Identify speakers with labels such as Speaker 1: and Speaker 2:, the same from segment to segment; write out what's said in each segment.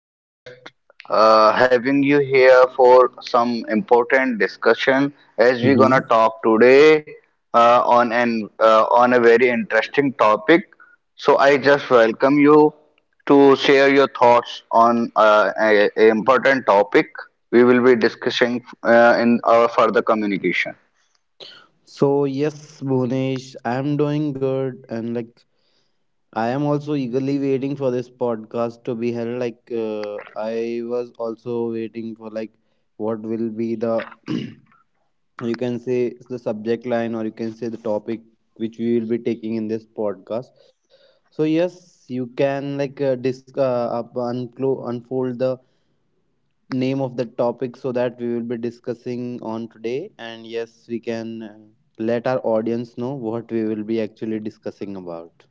Speaker 1: I'm just having you here for some important discussion as we're gonna
Speaker 2: Mhm.
Speaker 1: talk today on a very interesting topic. So I just welcome you to share your thoughts on a important topic we will be discussing in our further communication.
Speaker 2: So yes, Bhunesh, I am doing good, and like I am also eagerly waiting for this podcast to be held. Like I was also waiting for like what will be the you can say the subject line or you can say the topic which we will be taking in this podcast. So yes, you can like unfold the name of the topic so that we will be discussing on today, and yes, we can let our audience know what we will be actually discussing about.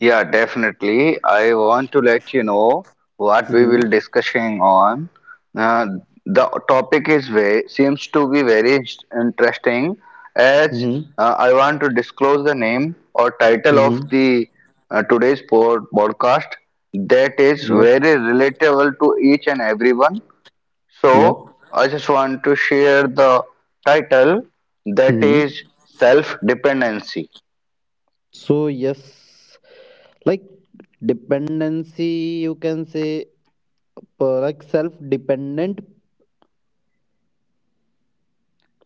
Speaker 1: Yeah, definitely. I want to let you know what we
Speaker 2: Mm-hmm.
Speaker 1: will discussing on. Uh, the topic is seems to be very interesting as
Speaker 2: Mm-hmm.
Speaker 1: I want to disclose the name or title of
Speaker 2: Mm-hmm.
Speaker 1: the today's podcast that is
Speaker 2: Yep,
Speaker 1: very relatable to each and everyone. So
Speaker 2: yep.
Speaker 1: I just want to share the title that
Speaker 2: Mm-hmm.
Speaker 1: is self dependency.
Speaker 2: So yes, like dependency, you can say, like self dependent,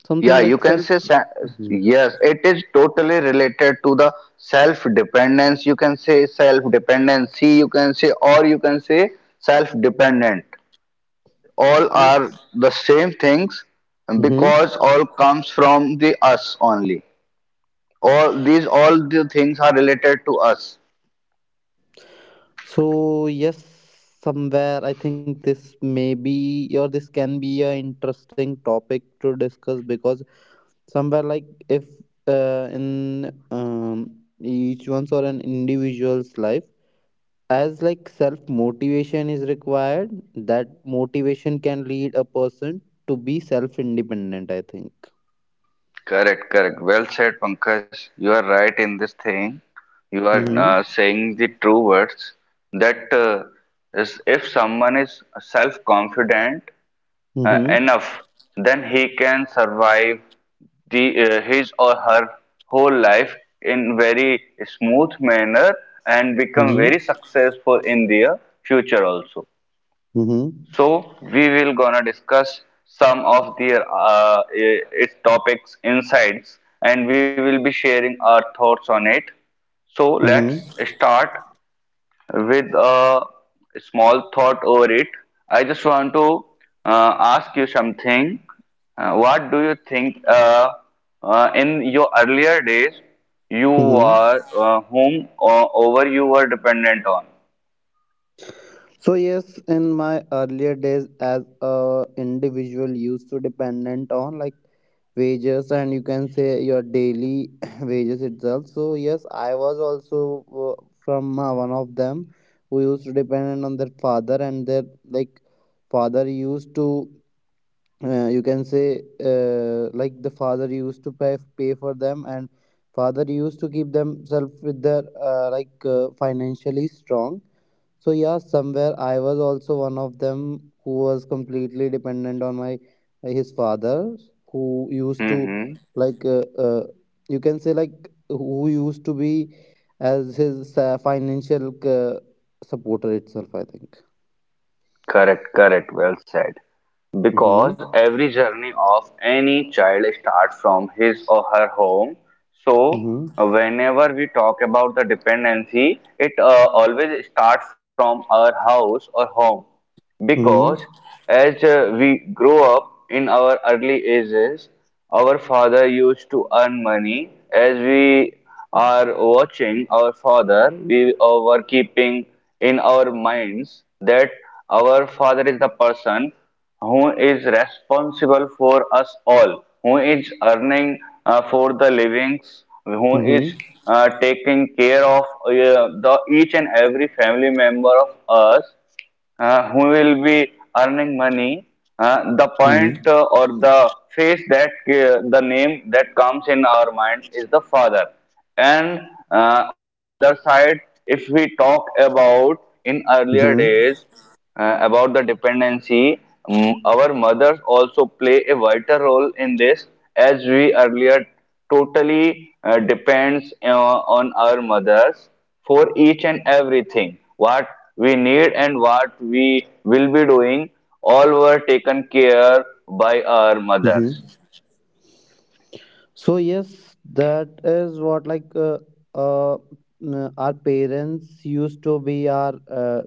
Speaker 2: something
Speaker 1: Yeah, you
Speaker 2: like
Speaker 1: can
Speaker 2: self.
Speaker 1: say,
Speaker 2: Mm-hmm.
Speaker 1: yes, it is totally related to the self dependence. You can say self dependency, you can say, or you can say self dependent. All
Speaker 2: Yes.
Speaker 1: are the same things
Speaker 2: Mm-hmm.
Speaker 1: because all comes from the us only. All these, all the things are related to us.
Speaker 2: So yes, somewhere I think this may be or this can be a interesting topic to discuss, because somewhere like if in each one's or an individual's life, as like self motivation is required, that motivation can lead a person to be self independent, I think.
Speaker 1: Correct, correct. Well said, Pankaj. You are right in this thing. You are
Speaker 2: Mm-hmm.
Speaker 1: saying the true words that is if someone is self-confident
Speaker 2: Mm-hmm.
Speaker 1: enough, then he can survive the his or her whole life in very smooth manner and become
Speaker 2: Mm-hmm.
Speaker 1: very successful in their future also.
Speaker 2: Mm-hmm.
Speaker 1: So we will gonna discuss some of their its topics, insights, and we will be sharing our thoughts on it. So let's
Speaker 2: Mm-hmm.
Speaker 1: start with a small thought over it. I just want to ask you something. What do you think in your earlier days you
Speaker 2: Mm-hmm.
Speaker 1: were whom over you were dependent on?
Speaker 2: So yes, in my earlier days, as a individual used to dependent on like wages, and you can say your daily wages itself. So yes, I was also from one of them who used to dependent on their father, and their like father used to you can say, like the father used to pay for them, and father used to keep themselves with their like financially strong. So yeah, somewhere I was also one of them who was completely dependent on my his father, who used to
Speaker 1: Hmm.
Speaker 2: like you can say, like, who used to be as his financial supporter itself, I think.
Speaker 1: Correct, correct, well said.
Speaker 2: Mm-hmm.
Speaker 1: Because every journey of any child starts from his or her home. So,
Speaker 2: Mm-hmm.
Speaker 1: whenever we talk about the dependency, it always starts from our house or home because
Speaker 2: Mm-hmm.
Speaker 1: as we grow up in our early ages, our father used to earn money. As we are watching our father, we were keeping in our minds that our father is the person who is responsible for us all, who is earning for the livings, who is
Speaker 2: Mm-hmm.
Speaker 1: taking care of the each and every family member of us, who will be earning money. Uh, the
Speaker 2: Mm-hmm.
Speaker 1: point or the face that the name that comes in our mind is the father. And on the other side, if we talk about in earlier
Speaker 2: Mm-hmm.
Speaker 1: days, about the dependency, our mothers also play a vital role in this, as we earlier totally depends on our mothers for each and everything. What we need and what we will be doing, all were taken care by our mothers.
Speaker 2: Mm-hmm. So yes, that is what, like uh, our parents used to be our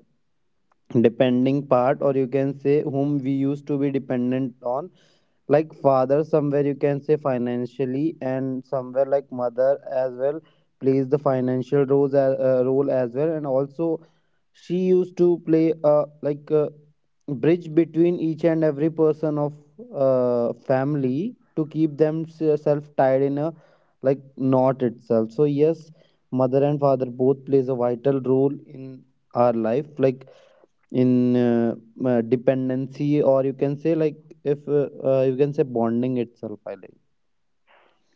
Speaker 2: depending part, or you can say whom we used to be dependent on, like father somewhere you can say financially, and somewhere like mother as well plays the financial roles, role as well, and also she used to play a like a bridge between each and every person of family to keep themselves tied in a like knot itself. So yes, mother and father both plays a vital role in our life, like in dependency, or you can say like, if you can say bonding itself, I like.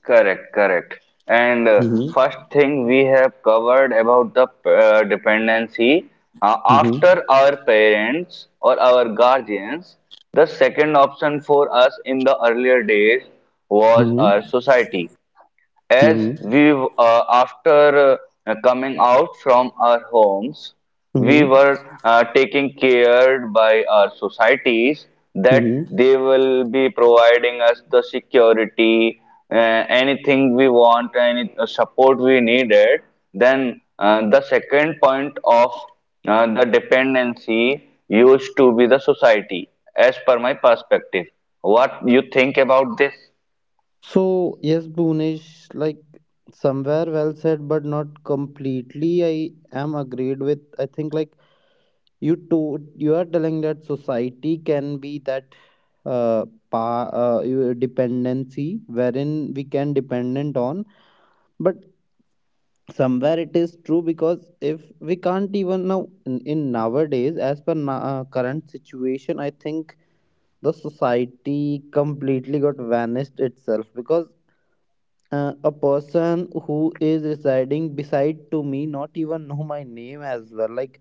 Speaker 1: Correct, correct. And
Speaker 2: Mhm.
Speaker 1: first thing we have covered about the dependency
Speaker 2: Mhm.
Speaker 1: after our parents or our guardians, the second option for us in the earlier days was
Speaker 2: Mhm.
Speaker 1: our society, as
Speaker 2: Mhm.
Speaker 1: we after coming out from our homes we
Speaker 2: Mhm.
Speaker 1: were taking care by our societies that
Speaker 2: Mhm.
Speaker 1: they will be providing us the security. uh, Anything we want, any support we needed, then the second point of the dependency used to be the society as per my perspective. What you think about this?
Speaker 2: So yes, Bhunesh, like, somewhere well said, but not completely I am agreed with, I think. Like, you to you are telling that society can be that uh, pa, dependency wherein we can dependent on. But somewhere it is true, because if we can't even now in nowadays, as per current situation, I think the society completely got vanished itself, because a person who is residing beside to me not even know my name as well. Like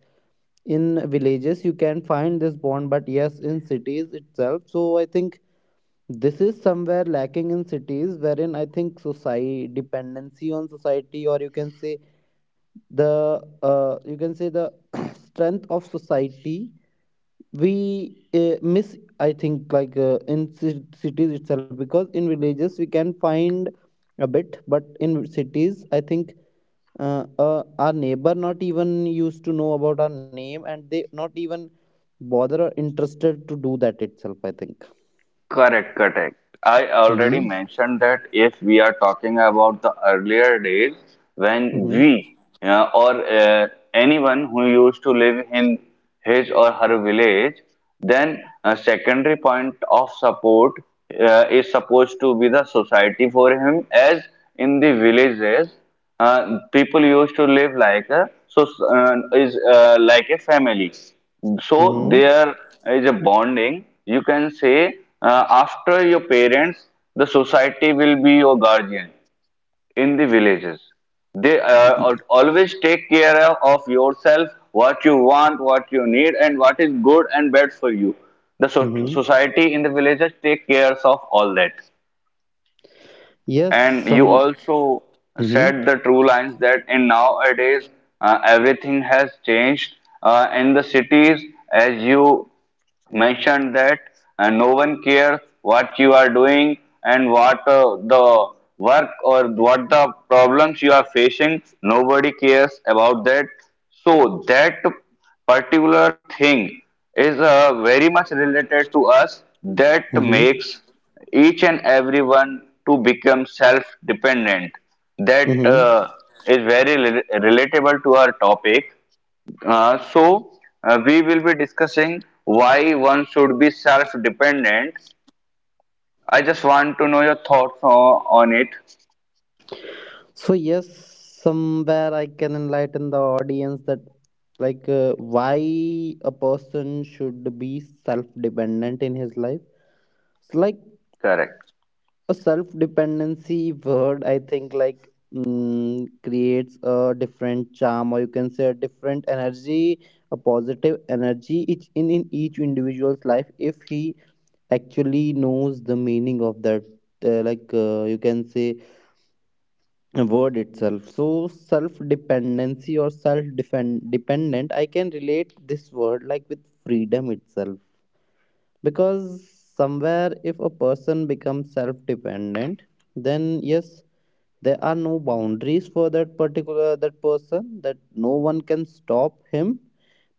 Speaker 2: in villages, you can find this bond, but yes, in cities itself, so I think this is somewhere lacking in cities, wherein I think society dependency on society, or you can say the you can say the strength of society we miss, I think, like in cities itself, because in villages we can find a bit, but in cities I think our neighbor not even used to know about our name, and they not even bother or interested to do that itself, I think.
Speaker 1: Correct, correct. I
Speaker 2: Mm-hmm.
Speaker 1: already mentioned that if we are talking about the earlier days, when
Speaker 2: Mm-hmm.
Speaker 1: we or anyone who used to live in his or her village, then a secondary point of support is supposed to be the society for him, as in the villages people used to live like a family. So
Speaker 2: Mm-hmm.
Speaker 1: there is a bonding, you can say, after your parents the society will be your guardian. In the villages they always take care of yourself, what you want, what you need, and what is good and bad for you. The
Speaker 2: Mm-hmm.
Speaker 1: society in the villages take cares of all that.
Speaker 2: Yes.
Speaker 1: And you
Speaker 2: some
Speaker 1: also
Speaker 2: Mm-hmm.
Speaker 1: said the true lines that in nowadays everything has changed in the cities, as you mentioned that no one cares what you are doing and what the work or what the problems you are facing. Nobody cares about that. So that particular thing is very much related to us that
Speaker 2: Mm-hmm.
Speaker 1: makes each and everyone to become self dependent, that
Speaker 2: Mm-hmm.
Speaker 1: is very relatable to our topic. So we will be discussing why one should be self dependent. I just want to know your thoughts on it.
Speaker 2: So yes, somewhere I can enlighten the audience that, like why a person should be self-dependent in his life. It's like a self-dependency word, I think, like, creates a different charm, or you can say a different energy, a positive energy each in each individual's life, if he actually knows the meaning of that. Like you can say word itself. So self dependency or self dependent, I can relate this word like with freedom itself, because somewhere if a person becomes self dependent, then yes, there are no boundaries for that particular that person, that no one can stop him,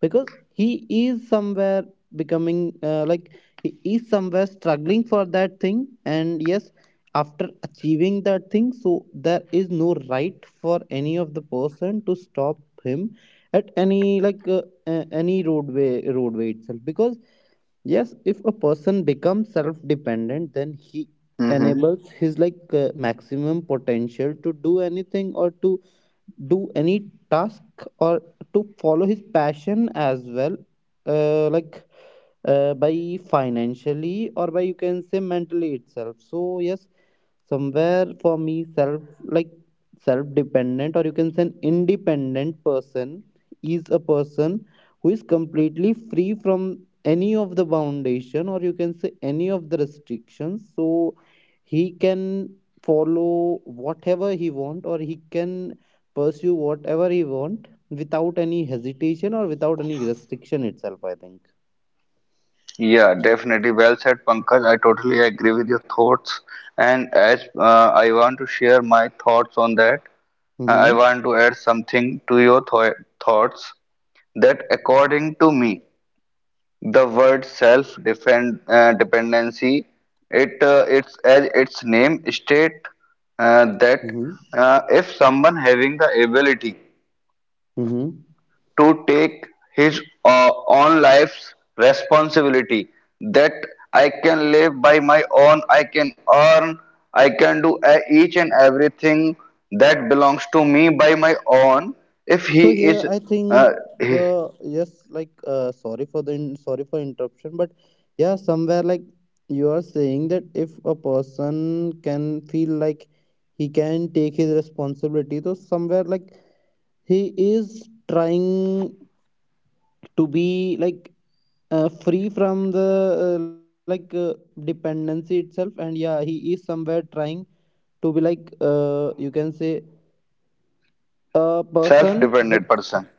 Speaker 2: because he is somewhere becoming like he is somewhere struggling for that thing, and yes, after achieving that thing, so there is no right for any of the person to stop him at any like any roadway itself, because yes, if a person becomes self dependent, then he
Speaker 1: Correct.
Speaker 2: enables his like maximum potential to do anything, or to do any task, or to follow his passion as well, like by financially or by you can say mentally itself. So yes, somewhere for me, self like self dependent, or you can say an independent person, is a person who is completely free from any of the foundation, or you can say any of the restrictions, so he can follow whatever he want, or he can pursue whatever he want without any hesitation or without any restriction itself, I think.
Speaker 1: Yeah, definitely. Well said, Pankaj. I totally agree with your thoughts. And as I want to share my thoughts on that, I
Speaker 2: Mm-hmm.
Speaker 1: want to add something to your thoughts that according to me, the word self-defend dependency, it's as its name state that
Speaker 2: Mm-hmm.
Speaker 1: if someone having the ability
Speaker 2: Mm-hmm.
Speaker 1: to take his own life's responsibility, that I can live by my own, I can earn, I can do each and everything that belongs to me by my own, if
Speaker 2: So
Speaker 1: he
Speaker 2: here
Speaker 1: is
Speaker 2: I think
Speaker 1: a
Speaker 2: the yes, like sorry for sorry for interruption, but yeah, somewhere like, you are saying that if a person can feel like he can take his responsibility, so somewhere like he is trying to be like free from the like dependency itself, and yeah, he is somewhere trying to be like you can say a
Speaker 1: self
Speaker 2: person with,
Speaker 1: dependent person.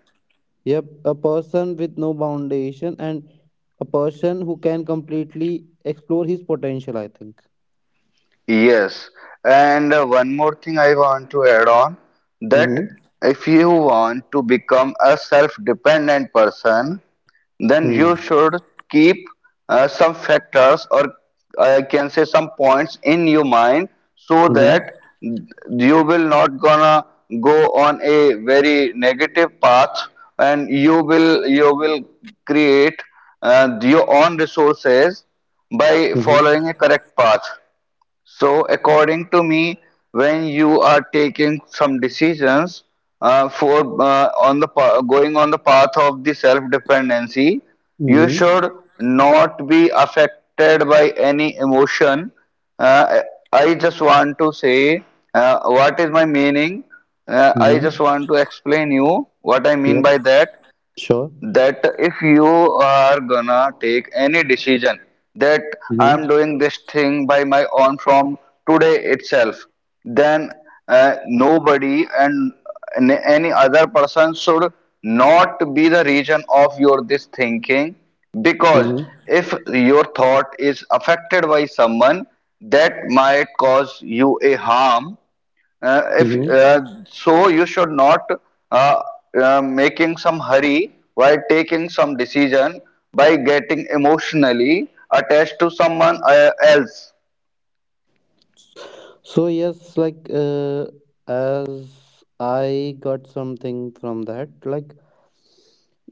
Speaker 2: yep, a person with no foundation, and a person who can completely explore his potential, I think.
Speaker 1: Yes, and one more thing I want to add on, that
Speaker 2: Mm-hmm.
Speaker 1: if you want to become a self dependent person, then
Speaker 2: Mm.
Speaker 1: you should keep some factors or I can say some points in your mind, so that
Speaker 2: Mm-hmm.
Speaker 1: you will not gonna go on a very negative path and you will create your own resources by
Speaker 2: Mm-hmm.
Speaker 1: following a correct path. So, according to me, when you are taking some decisions for on the going on the path of the self-dependency, you
Speaker 2: Mm-hmm.
Speaker 1: should not be affected by any emotion. Uh, I just want to say what is my meaning. I
Speaker 2: Mm-hmm.
Speaker 1: just want to explain you what I mean
Speaker 2: Yep.
Speaker 1: by that,
Speaker 2: Sure.
Speaker 1: that if you are gonna take any decision that I'm
Speaker 2: Mm-hmm.
Speaker 1: doing this thing by my own from today itself, then nobody and any other person should not be the reason of your this thinking, because
Speaker 2: Mm-hmm.
Speaker 1: if your thought is affected by someone that might cause you a harm. If
Speaker 2: Mm-hmm.
Speaker 1: So, you should not uh, making some hurry while taking some decision by getting emotionally attached to someone else.
Speaker 2: So yes, like as I got something from that, like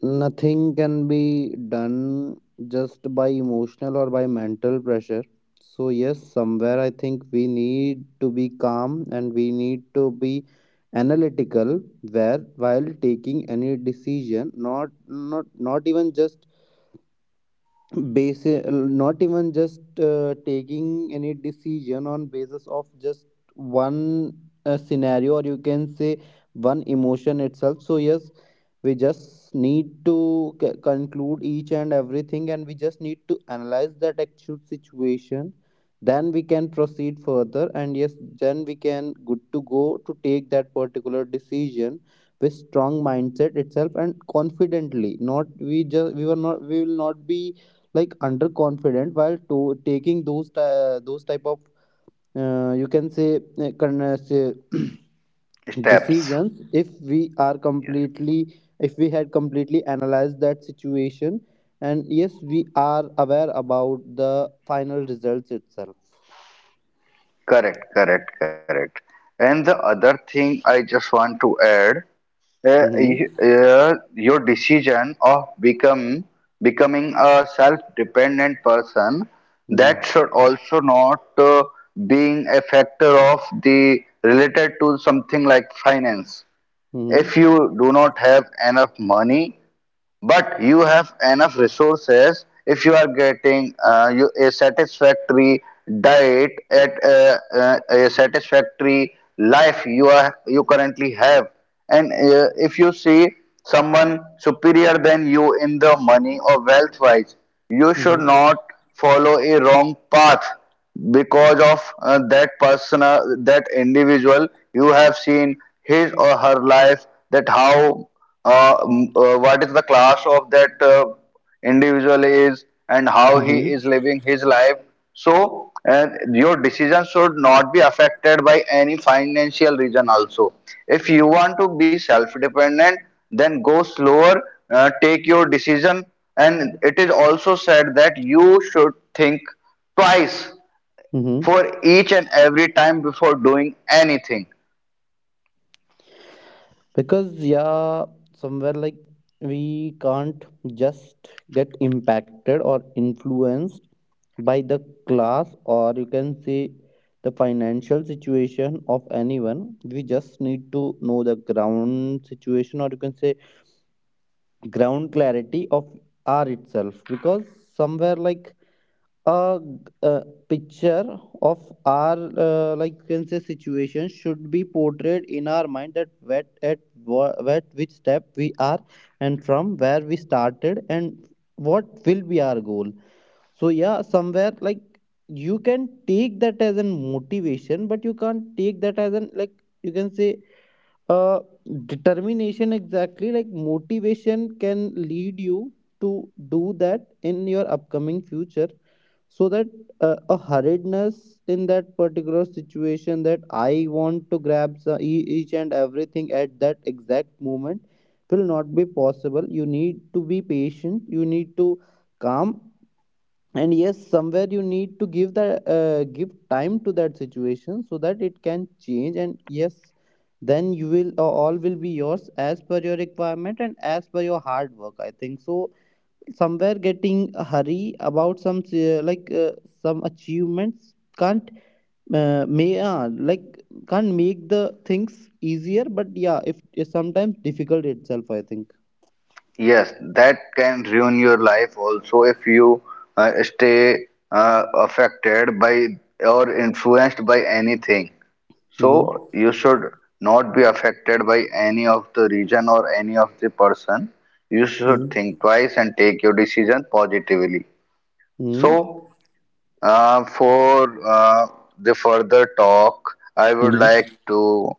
Speaker 2: nothing can be done just by emotional or by mental pressure. So yes, somewhere I think we need to be calm, and we need to be analytical where while taking any decision. Not even just taking any decision on basis of just one scenario, or you can say one emotion itself. So yes, we just need to conclude each and everything, and we just need to analyze that actual situation, then we can proceed further, and yes, then we can good to go to take that particular decision with strong mindset itself and confidently, not we just we were not we will not be like underconfident while to taking those those type of you can say say
Speaker 1: Steps.
Speaker 2: decisions,
Speaker 1: Yes.
Speaker 2: if we had completely analyzed that situation and yes, we are aware about the final results itself.
Speaker 1: Correct. Correct. Correct. And the other thing I just want to add,
Speaker 2: Mm-hmm.
Speaker 1: your decision of become becoming a self-dependent person, that
Speaker 2: Mm-hmm.
Speaker 1: should also not being a factor of the related to something like finance.
Speaker 2: Mm-hmm.
Speaker 1: If you do not have enough money but you have enough resources, if you are getting a satisfactory diet, at a satisfactory life you are you currently have, and if you see someone superior than you in the money or wealth wise, you should not follow a wrong path because of that individual you have seen his or her life, that how what is the class of that individual is and how he
Speaker 2: Mm-hmm.
Speaker 1: is living his life. So, and your decision should not be affected by any financial reason also. If you want to be self dependent, then go slower, take your decision. And it is also said that you should think twice
Speaker 2: Mm-hmm.
Speaker 1: for each and every time before doing anything.
Speaker 2: Because, yeah, somewhere like we can't just get impacted or influenced by the class, or you can say the financial situation of anyone. We just need to know the ground situation, or you can say ground clarity of R itself, because somewhere like a, uh picture of our like you can say situation should be portrayed in our mind, that what at what which step we are, and from where we started, and what will be our goal. So yeah, somewhere like you can take that as a motivation, but you can't take that as an like you can say uh determination exactly. Like motivation can lead you to do that in your upcoming future, so that a hurriedness in that particular situation, that I want to grab each and everything at that exact moment, will not be possible. You need to be patient, you need to calm, and yes, somewhere you need to give time to that situation, so that it can change, and yes, then you will all will be yours as per your requirement, and as per your hard work, I think. So somewhere, getting a hurry about some achievements can't may like can't make the things easier, but yeah, if it's sometimes difficult itself, I think.
Speaker 1: Yes, that can ruin your life also if you stay affected by or influenced by anything.
Speaker 2: Mm-hmm.
Speaker 1: So you should not be affected by any of the region or any of the person. You should
Speaker 2: Mm-hmm.
Speaker 1: think twice and take your decision positively. So for the further talk, I would like
Speaker 2: Mm-hmm.
Speaker 1: to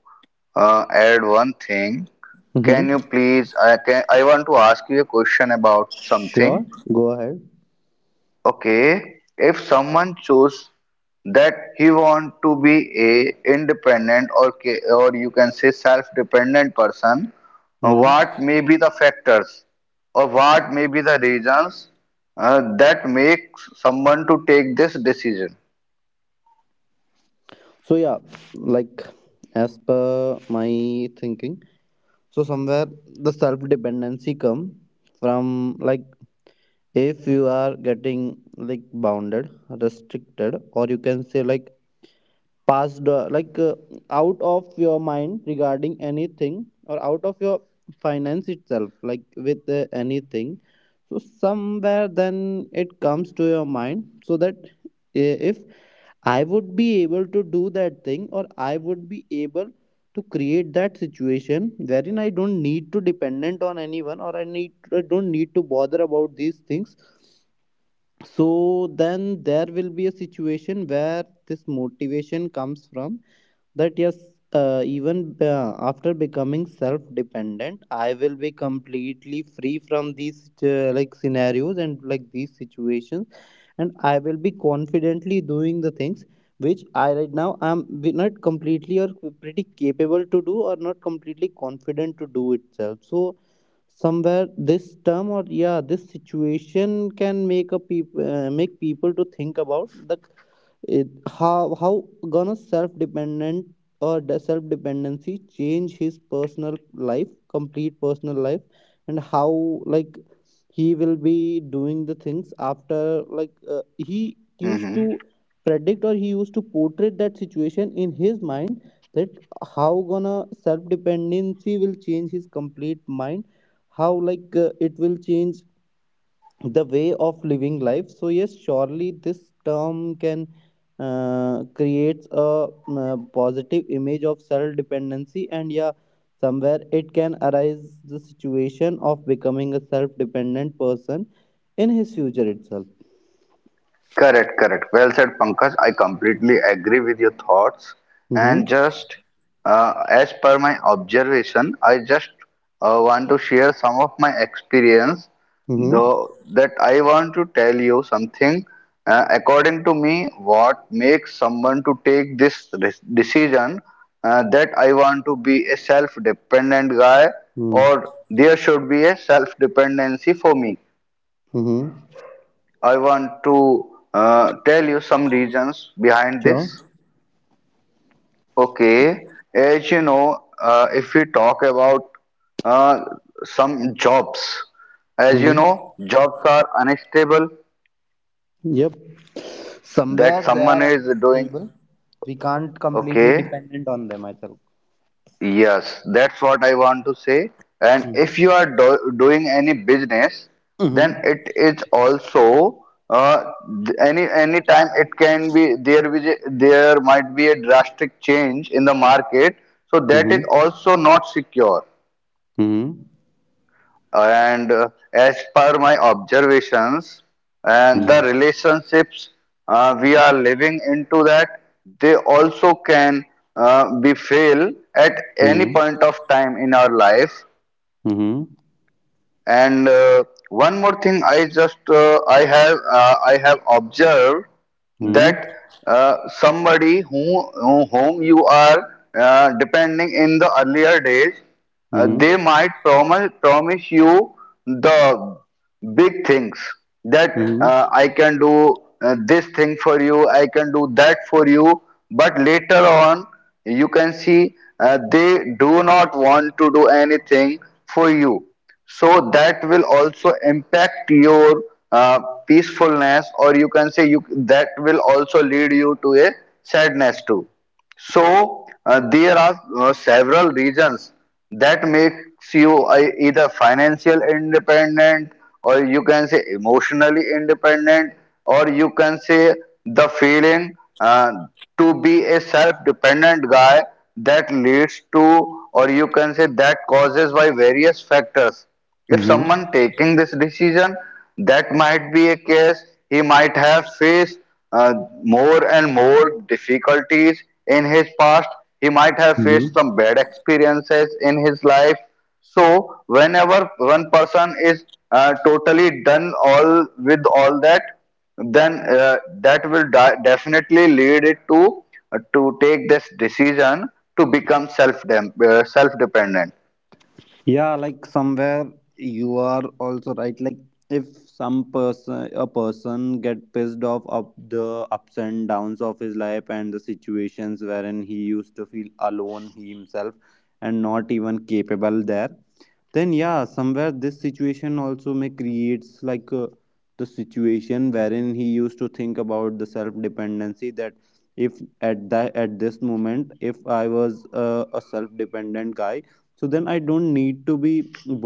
Speaker 1: add one thing. Can you
Speaker 2: Mm-hmm.
Speaker 1: please? I can. I want to ask you a question about something.
Speaker 2: Sure, go ahead.
Speaker 1: Okay, if someone choose that he want to be a independent or or you can say self-dependent person,
Speaker 2: Mm-hmm.
Speaker 1: what may be the factors or what may be the reasons that make someone to take this decision?
Speaker 2: So yeah, like as per my thinking, so somewhere the self dependency come from, like if you are getting like bounded, restricted, or you can say like passed out of your mind regarding anything, or out of your finance itself like with anything. So somewhere then it comes to your mind, so that if I would be able to do that thing, or I would be able to create that situation wherein I don't need to dependent on anyone, or I don't need to bother about these things. So then there will be a situation where this motivation comes from, that yes, even after becoming self dependent I will be completely free from these like scenarios and like these situations, and I will be confidently doing the things which I right now am not completely or pretty capable to do, or not completely confident to do itself. So somewhere this term, or yeah, this situation can make a make people to think about the it, how gonna self dependent or self dependency change his personal life, complete personal life, and how like he will be doing the things after, like he used
Speaker 1: Mm-hmm.
Speaker 2: to predict, or he used to portray that situation in his mind, that how gonna self dependency will change his complete mind, how like it will change the way of living life. So yes, surely this term can creates a positive image of self dependency, and yeah, somewhere it can arise the situation of becoming a self dependent person in his future itself.
Speaker 1: Correct, correct. Well said, Pankaj. I completely agree with your thoughts. And
Speaker 2: Mm-hmm.
Speaker 1: just as per my observation, I just want to share some of my experience,
Speaker 2: Mm-hmm.
Speaker 1: though that I want to tell you something. According to me, what makes someone to take this decision, that I want to be a self-dependent guy
Speaker 2: Mm-hmm.
Speaker 1: or there should be a self-dependency for me,
Speaker 2: Mm-hmm.
Speaker 1: I want to tell you some reasons behind
Speaker 2: Sure.
Speaker 1: this. Okay, as you know, if we talk about uh, some jobs, as you
Speaker 2: Mm-hmm.
Speaker 1: know, jobs are unstable
Speaker 2: Yep, somewhere
Speaker 1: that
Speaker 2: they
Speaker 1: someone
Speaker 2: are
Speaker 1: is doing.
Speaker 2: unstable. We can't completely
Speaker 1: Okay.
Speaker 2: dependent on them, I feel.
Speaker 1: Yes, that's what I want to say. And
Speaker 2: Mm-hmm.
Speaker 1: if you are do doing any business, then
Speaker 2: Mm-hmm.
Speaker 1: it is also any time it can be there, there might be a drastic change in the market. So that is
Speaker 2: Mm-hmm.
Speaker 1: also not secure,
Speaker 2: Mm-hmm.
Speaker 1: and as per my observations and the
Speaker 2: Mm-hmm.
Speaker 1: relationships, we are living into that, they also can be fail at any
Speaker 2: Mhm.
Speaker 1: point of time in our life.
Speaker 2: Mhm.
Speaker 1: And one more thing, I just I have observed
Speaker 2: Mhm.
Speaker 1: that somebody whom you are depending in the earlier days,
Speaker 2: Mhm.
Speaker 1: they might promise you the big things, that
Speaker 2: Mhm.
Speaker 1: I can do this thing for you, I can do that for you. But later on, you can see they do not want to do anything for you, so that will also impact your uh, peacefulness, or you can say you that will also lead you to a sadness too. So there are several reasons that makes you either financial independent, or you can say emotionally independent, or you can say the feeling uh, to be a self-dependent guy, that leads to, or you can say, that causes by various factors. If
Speaker 2: Mhm.
Speaker 1: someone taking this decision, that might be a case he might have faced uh, more and more difficulties in his past. He might have faced
Speaker 2: Mhm.
Speaker 1: some bad experiences in his life. So, whenever one person is totally done all with all that, then that will definitely lead it to take this decision to become self dependent.
Speaker 2: Yeah, like somewhere you are also right. Like if some person a person get pissed off of the ups and downs of his life, and the situations wherein he used to feel alone, he himself, and not even capable there, then yeah, somewhere this situation also may creates like the situation wherein he used to think about the self dependency, that if at this moment, if I was a self dependent guy, so then I don't need to be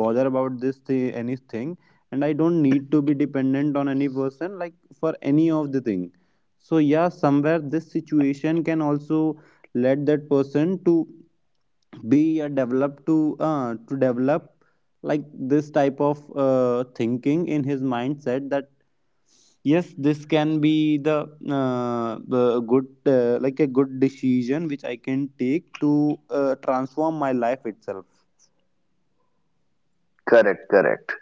Speaker 2: bother about this anything, and I don't need to be dependent on any person, like for any of the thing. So yeah, somewhere this situation can also let that person to be a develop to develop like this type of thinking in his mindset, that yes, this can be the good like a good decision which I can take to transform my life itself.
Speaker 1: Correct, correct.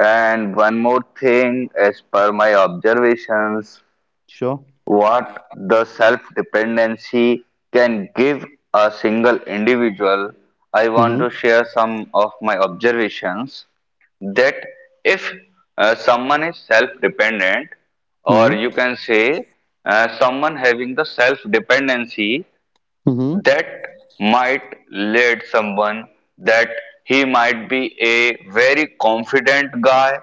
Speaker 1: And one more thing, as per my observations,
Speaker 2: Sure.
Speaker 1: what the self dependency can give a single individual, I
Speaker 2: Mm-hmm.
Speaker 1: want to share some of my observations that if someone is self dependent, or
Speaker 2: Mm-hmm.
Speaker 1: you can say someone having the self dependency, that might lead someone that he might be a very confident guy,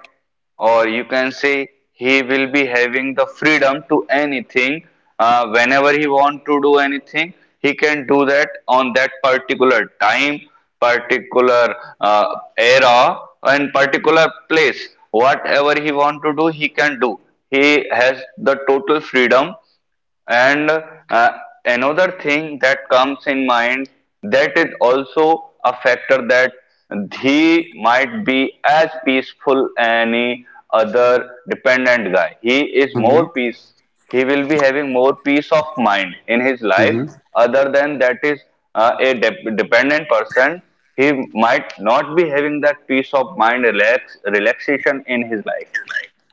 Speaker 1: or you can say he will be having the freedom to anything. Whenever he want to do anything, he can do that on that particular time, particular uh, era, and particular place, whatever he want to do he can do. He has the total freedom. And uh, another thing that comes in mind, that is also a factor, that he might be as peaceful any other dependent guy. He is
Speaker 2: Mm-hmm.
Speaker 1: more
Speaker 2: Mm-hmm.
Speaker 1: peace. He will be having more peace of mind in his life.
Speaker 2: Mm-hmm.
Speaker 1: Other than that is a dependent person. He might not be having that peace of mind, relax, relaxation in his life.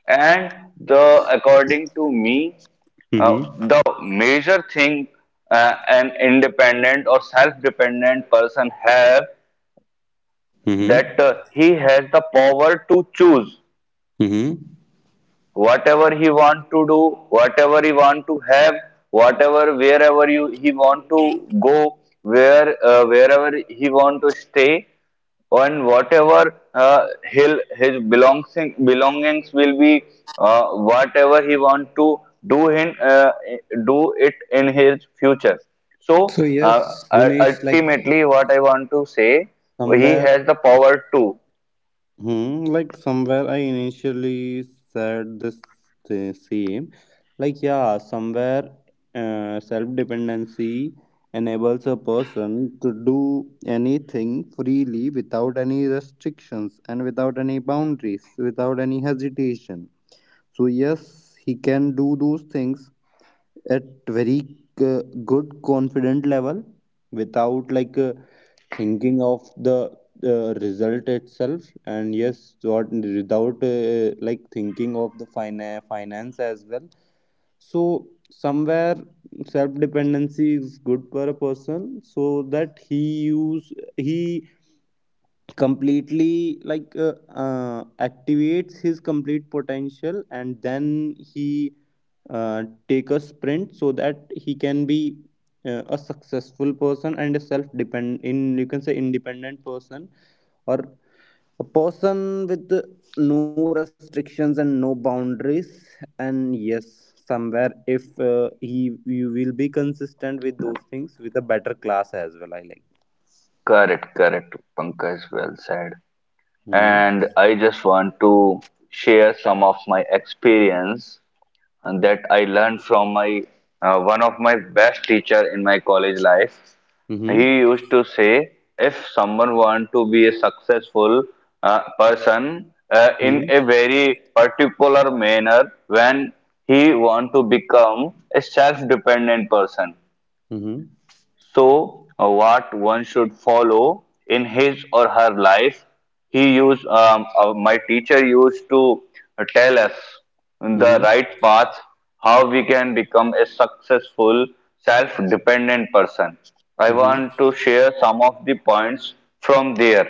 Speaker 1: And the according to me,
Speaker 2: Mm-hmm.
Speaker 1: the major thing an independent or self-dependent person have, that
Speaker 2: Mm-hmm.
Speaker 1: he has the power to choose
Speaker 2: Mm-hmm.
Speaker 1: whatever he want to do, whatever he want to have, whatever wherever you he want to go, wherever he want to stay, and whatever he his belongs belongings will be, whatever he want to do in uh, do it in his future. So
Speaker 2: So yes, Gunesh, like
Speaker 1: ultimately, what I want to say, he
Speaker 2: somewhere,
Speaker 1: has the power to.
Speaker 2: hmm, like somewhere I initially said this the same. Like yeah, somewhere self-dependency enables a person to do anything freely, without any restrictions, and without any boundaries, without any hesitation. So yes, he can do those things at very uh, good confident level, without thinking of the result itself, and yes, what without like thinking of the finance as well. So somewhere self dependency is good for a person, so that he completely activates his complete potential, and then he take a sprint, so that he can be a successful person, and a self depend, in you can say independent person, or a person with no restrictions and no boundaries. And yes, somewhere if he, you will be consistent with those things with a better class as well, I like.
Speaker 1: Correct, correct. Pankaj, well said.
Speaker 2: Mm-hmm.
Speaker 1: And I just want to share some of my experience, and that I learned from my one of my best teacher in my college life.
Speaker 2: Mm-hmm.
Speaker 1: He used to say, if someone want to be a successful person in a very particular manner, when he want to become a self-dependent person,
Speaker 2: Mm-hmm.
Speaker 1: so, what one should follow in his or her life, he used, my teacher used to tell us the
Speaker 2: Mm-hmm.
Speaker 1: right path, how we can become a successful, self dependent person. I
Speaker 2: Mm-hmm.
Speaker 1: want to share some of the points from there.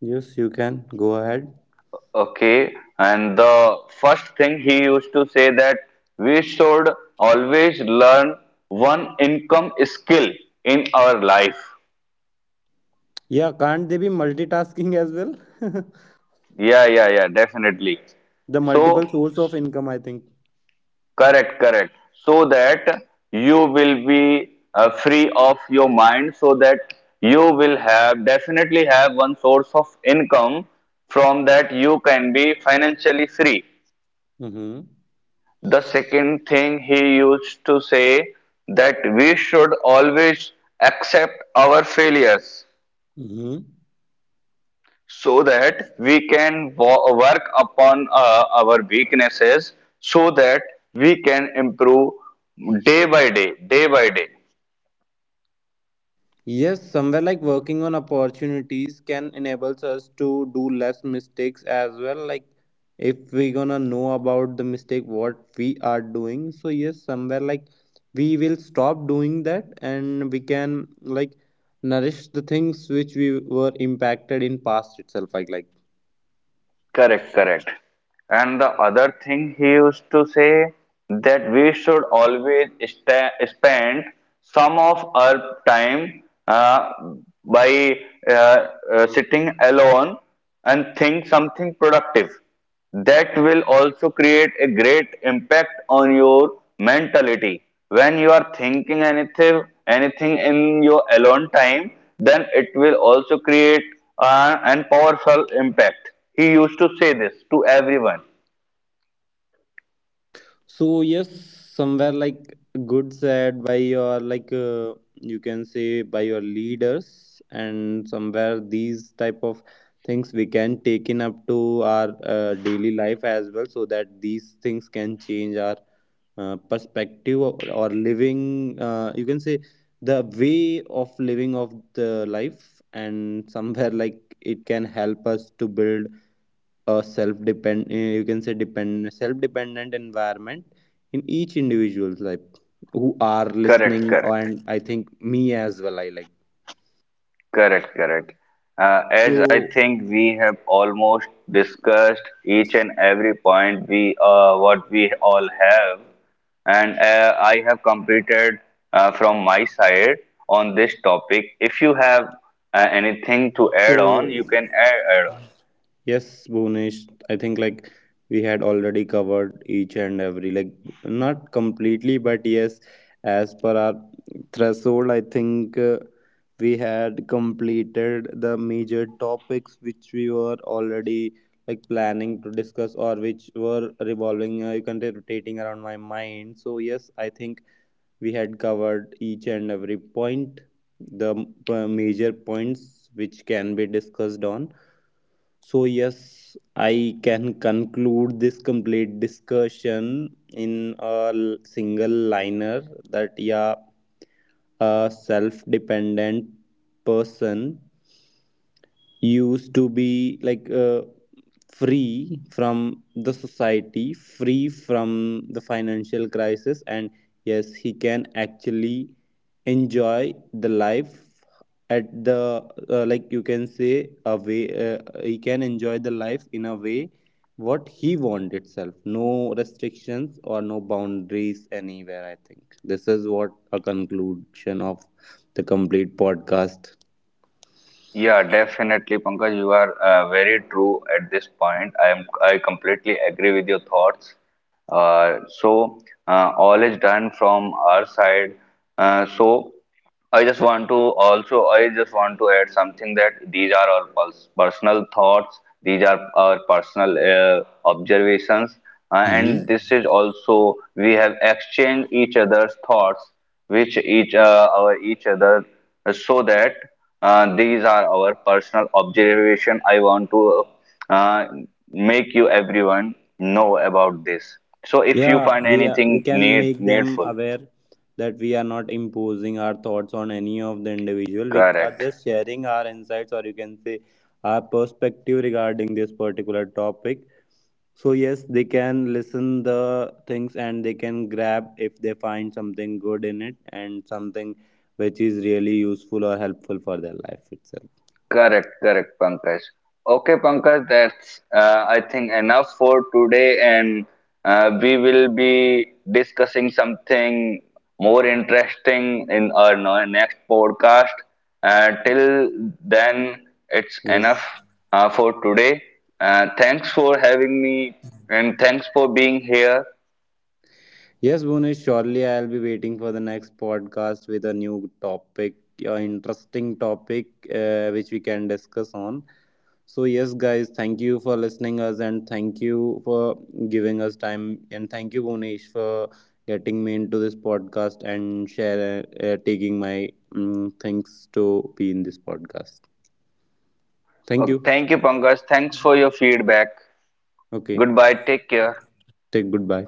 Speaker 2: Yes, you can go ahead.
Speaker 1: Okay, and the first thing he used to say, that we should always learn one income skill in our life.
Speaker 2: Yeah, can't they be multitasking as well?
Speaker 1: Yeah, yeah, yeah, definitely.
Speaker 2: The
Speaker 1: So,
Speaker 2: multiple source of income, I think.
Speaker 1: correct, correct. So that you will be free of your mind, so that you will have definitely have one source of income, from that you can be financially free.
Speaker 2: Mm-hmm.
Speaker 1: The second thing he used to say, that we should always accept our failures,
Speaker 2: Mm-hmm.
Speaker 1: so that we can work upon our weaknesses, so that we can improve day by day, day by day.
Speaker 2: Yes, somewhere like working on opportunities can enables us to do less mistakes as well. Like if we gonna know about the mistake what we are doing, so yes, somewhere like we will stop doing that, and we can like nourish the things which we were impacted in past itself. Like like.
Speaker 1: Correct, correct. And the other thing he used to say, that we should always spend some of our time by uh, sitting alone and think something productive. That will also create a great impact on your mentality. When you are thinking anything in your alone time, then it will also create an powerful impact. He used to say this to everyone.
Speaker 2: So yes, somewhere like good said by your, like you can say by your leaders, and somewhere these type of things we can take in up to our daily life as well, so that these things can change our perspective, or living. You can say the way of living of the life, and somewhere like it can help us to build a self-depend eh, you can say depend self-dependent environment in each individual's life who are listening.
Speaker 1: Correct, correct.
Speaker 2: And I think me as well, I like.
Speaker 1: Correct, correct. As I
Speaker 2: So
Speaker 1: think we have almost discussed each and every point we what we all have, and I have completed from my side on this topic. If you have anything to add on,
Speaker 2: so
Speaker 1: you can add, add on.
Speaker 2: yes, Bhunesh, I think like we had already covered each and every like, not completely, but yes, as per our threshold, I think we had completed the major topics which we were already like planning to discuss, or which were revolving, you can say rotating around my mind. So yes, I think we had covered each and every point, the major points which can be discussed on. So yes, I can conclude this complete discussion in a single liner, that yeah, a self dependent person used to be like free from the society, free from the financial crisis, and yes, he can actually enjoy the life at the like you can say a way, he can enjoy the life in a way what he want itself, no restrictions or no boundaries anywhere. I think this is what a conclusion of the complete podcast.
Speaker 1: Yeah, definitely, Pankaj. You are very true at this point. I am. I completely agree with your thoughts. So all is done from our side. So I just want to also. I just want to add something, that these are our personal thoughts. These are our personal observations,
Speaker 2: Mhm.
Speaker 1: and this is also we have exchanged each other's thoughts, which each our each other, so that. These are our personal observation. I want to uh, make you everyone know about this. So if you
Speaker 2: Yeah,
Speaker 1: find
Speaker 2: we are, we
Speaker 1: anything
Speaker 2: can make them
Speaker 1: needful,
Speaker 2: aware that we are not imposing our thoughts on any of the individual. We are
Speaker 1: correct.
Speaker 2: just sharing our insights, or you can say our perspective regarding this particular topic. So yes, they can listen the things, and they can grab if they find something good in it, and something which is really useful or helpful for their life itself.
Speaker 1: Correct, correct, Pankaj. Okay, Pankaj, that's I think enough for today, and we will be discussing something more interesting in our next podcast. Till then, it's enough
Speaker 2: Yes.
Speaker 1: for today. Thanks for having me, and thanks for being here.
Speaker 2: Yes, Bhunesh, surely I'll be waiting for the next podcast with a new topic, a interesting topic which we can discuss on. So yes, guys, thank you for listening us, and thank you for giving us time, and thank you Bhunesh for getting me into this podcast, and share taking my thanks to be in this podcast. Thank
Speaker 1: Okay,
Speaker 2: you.
Speaker 1: thank you, Pankaj. Thanks for your feedback.
Speaker 2: Okay,
Speaker 1: Goodbye. Take care.
Speaker 2: take goodbye.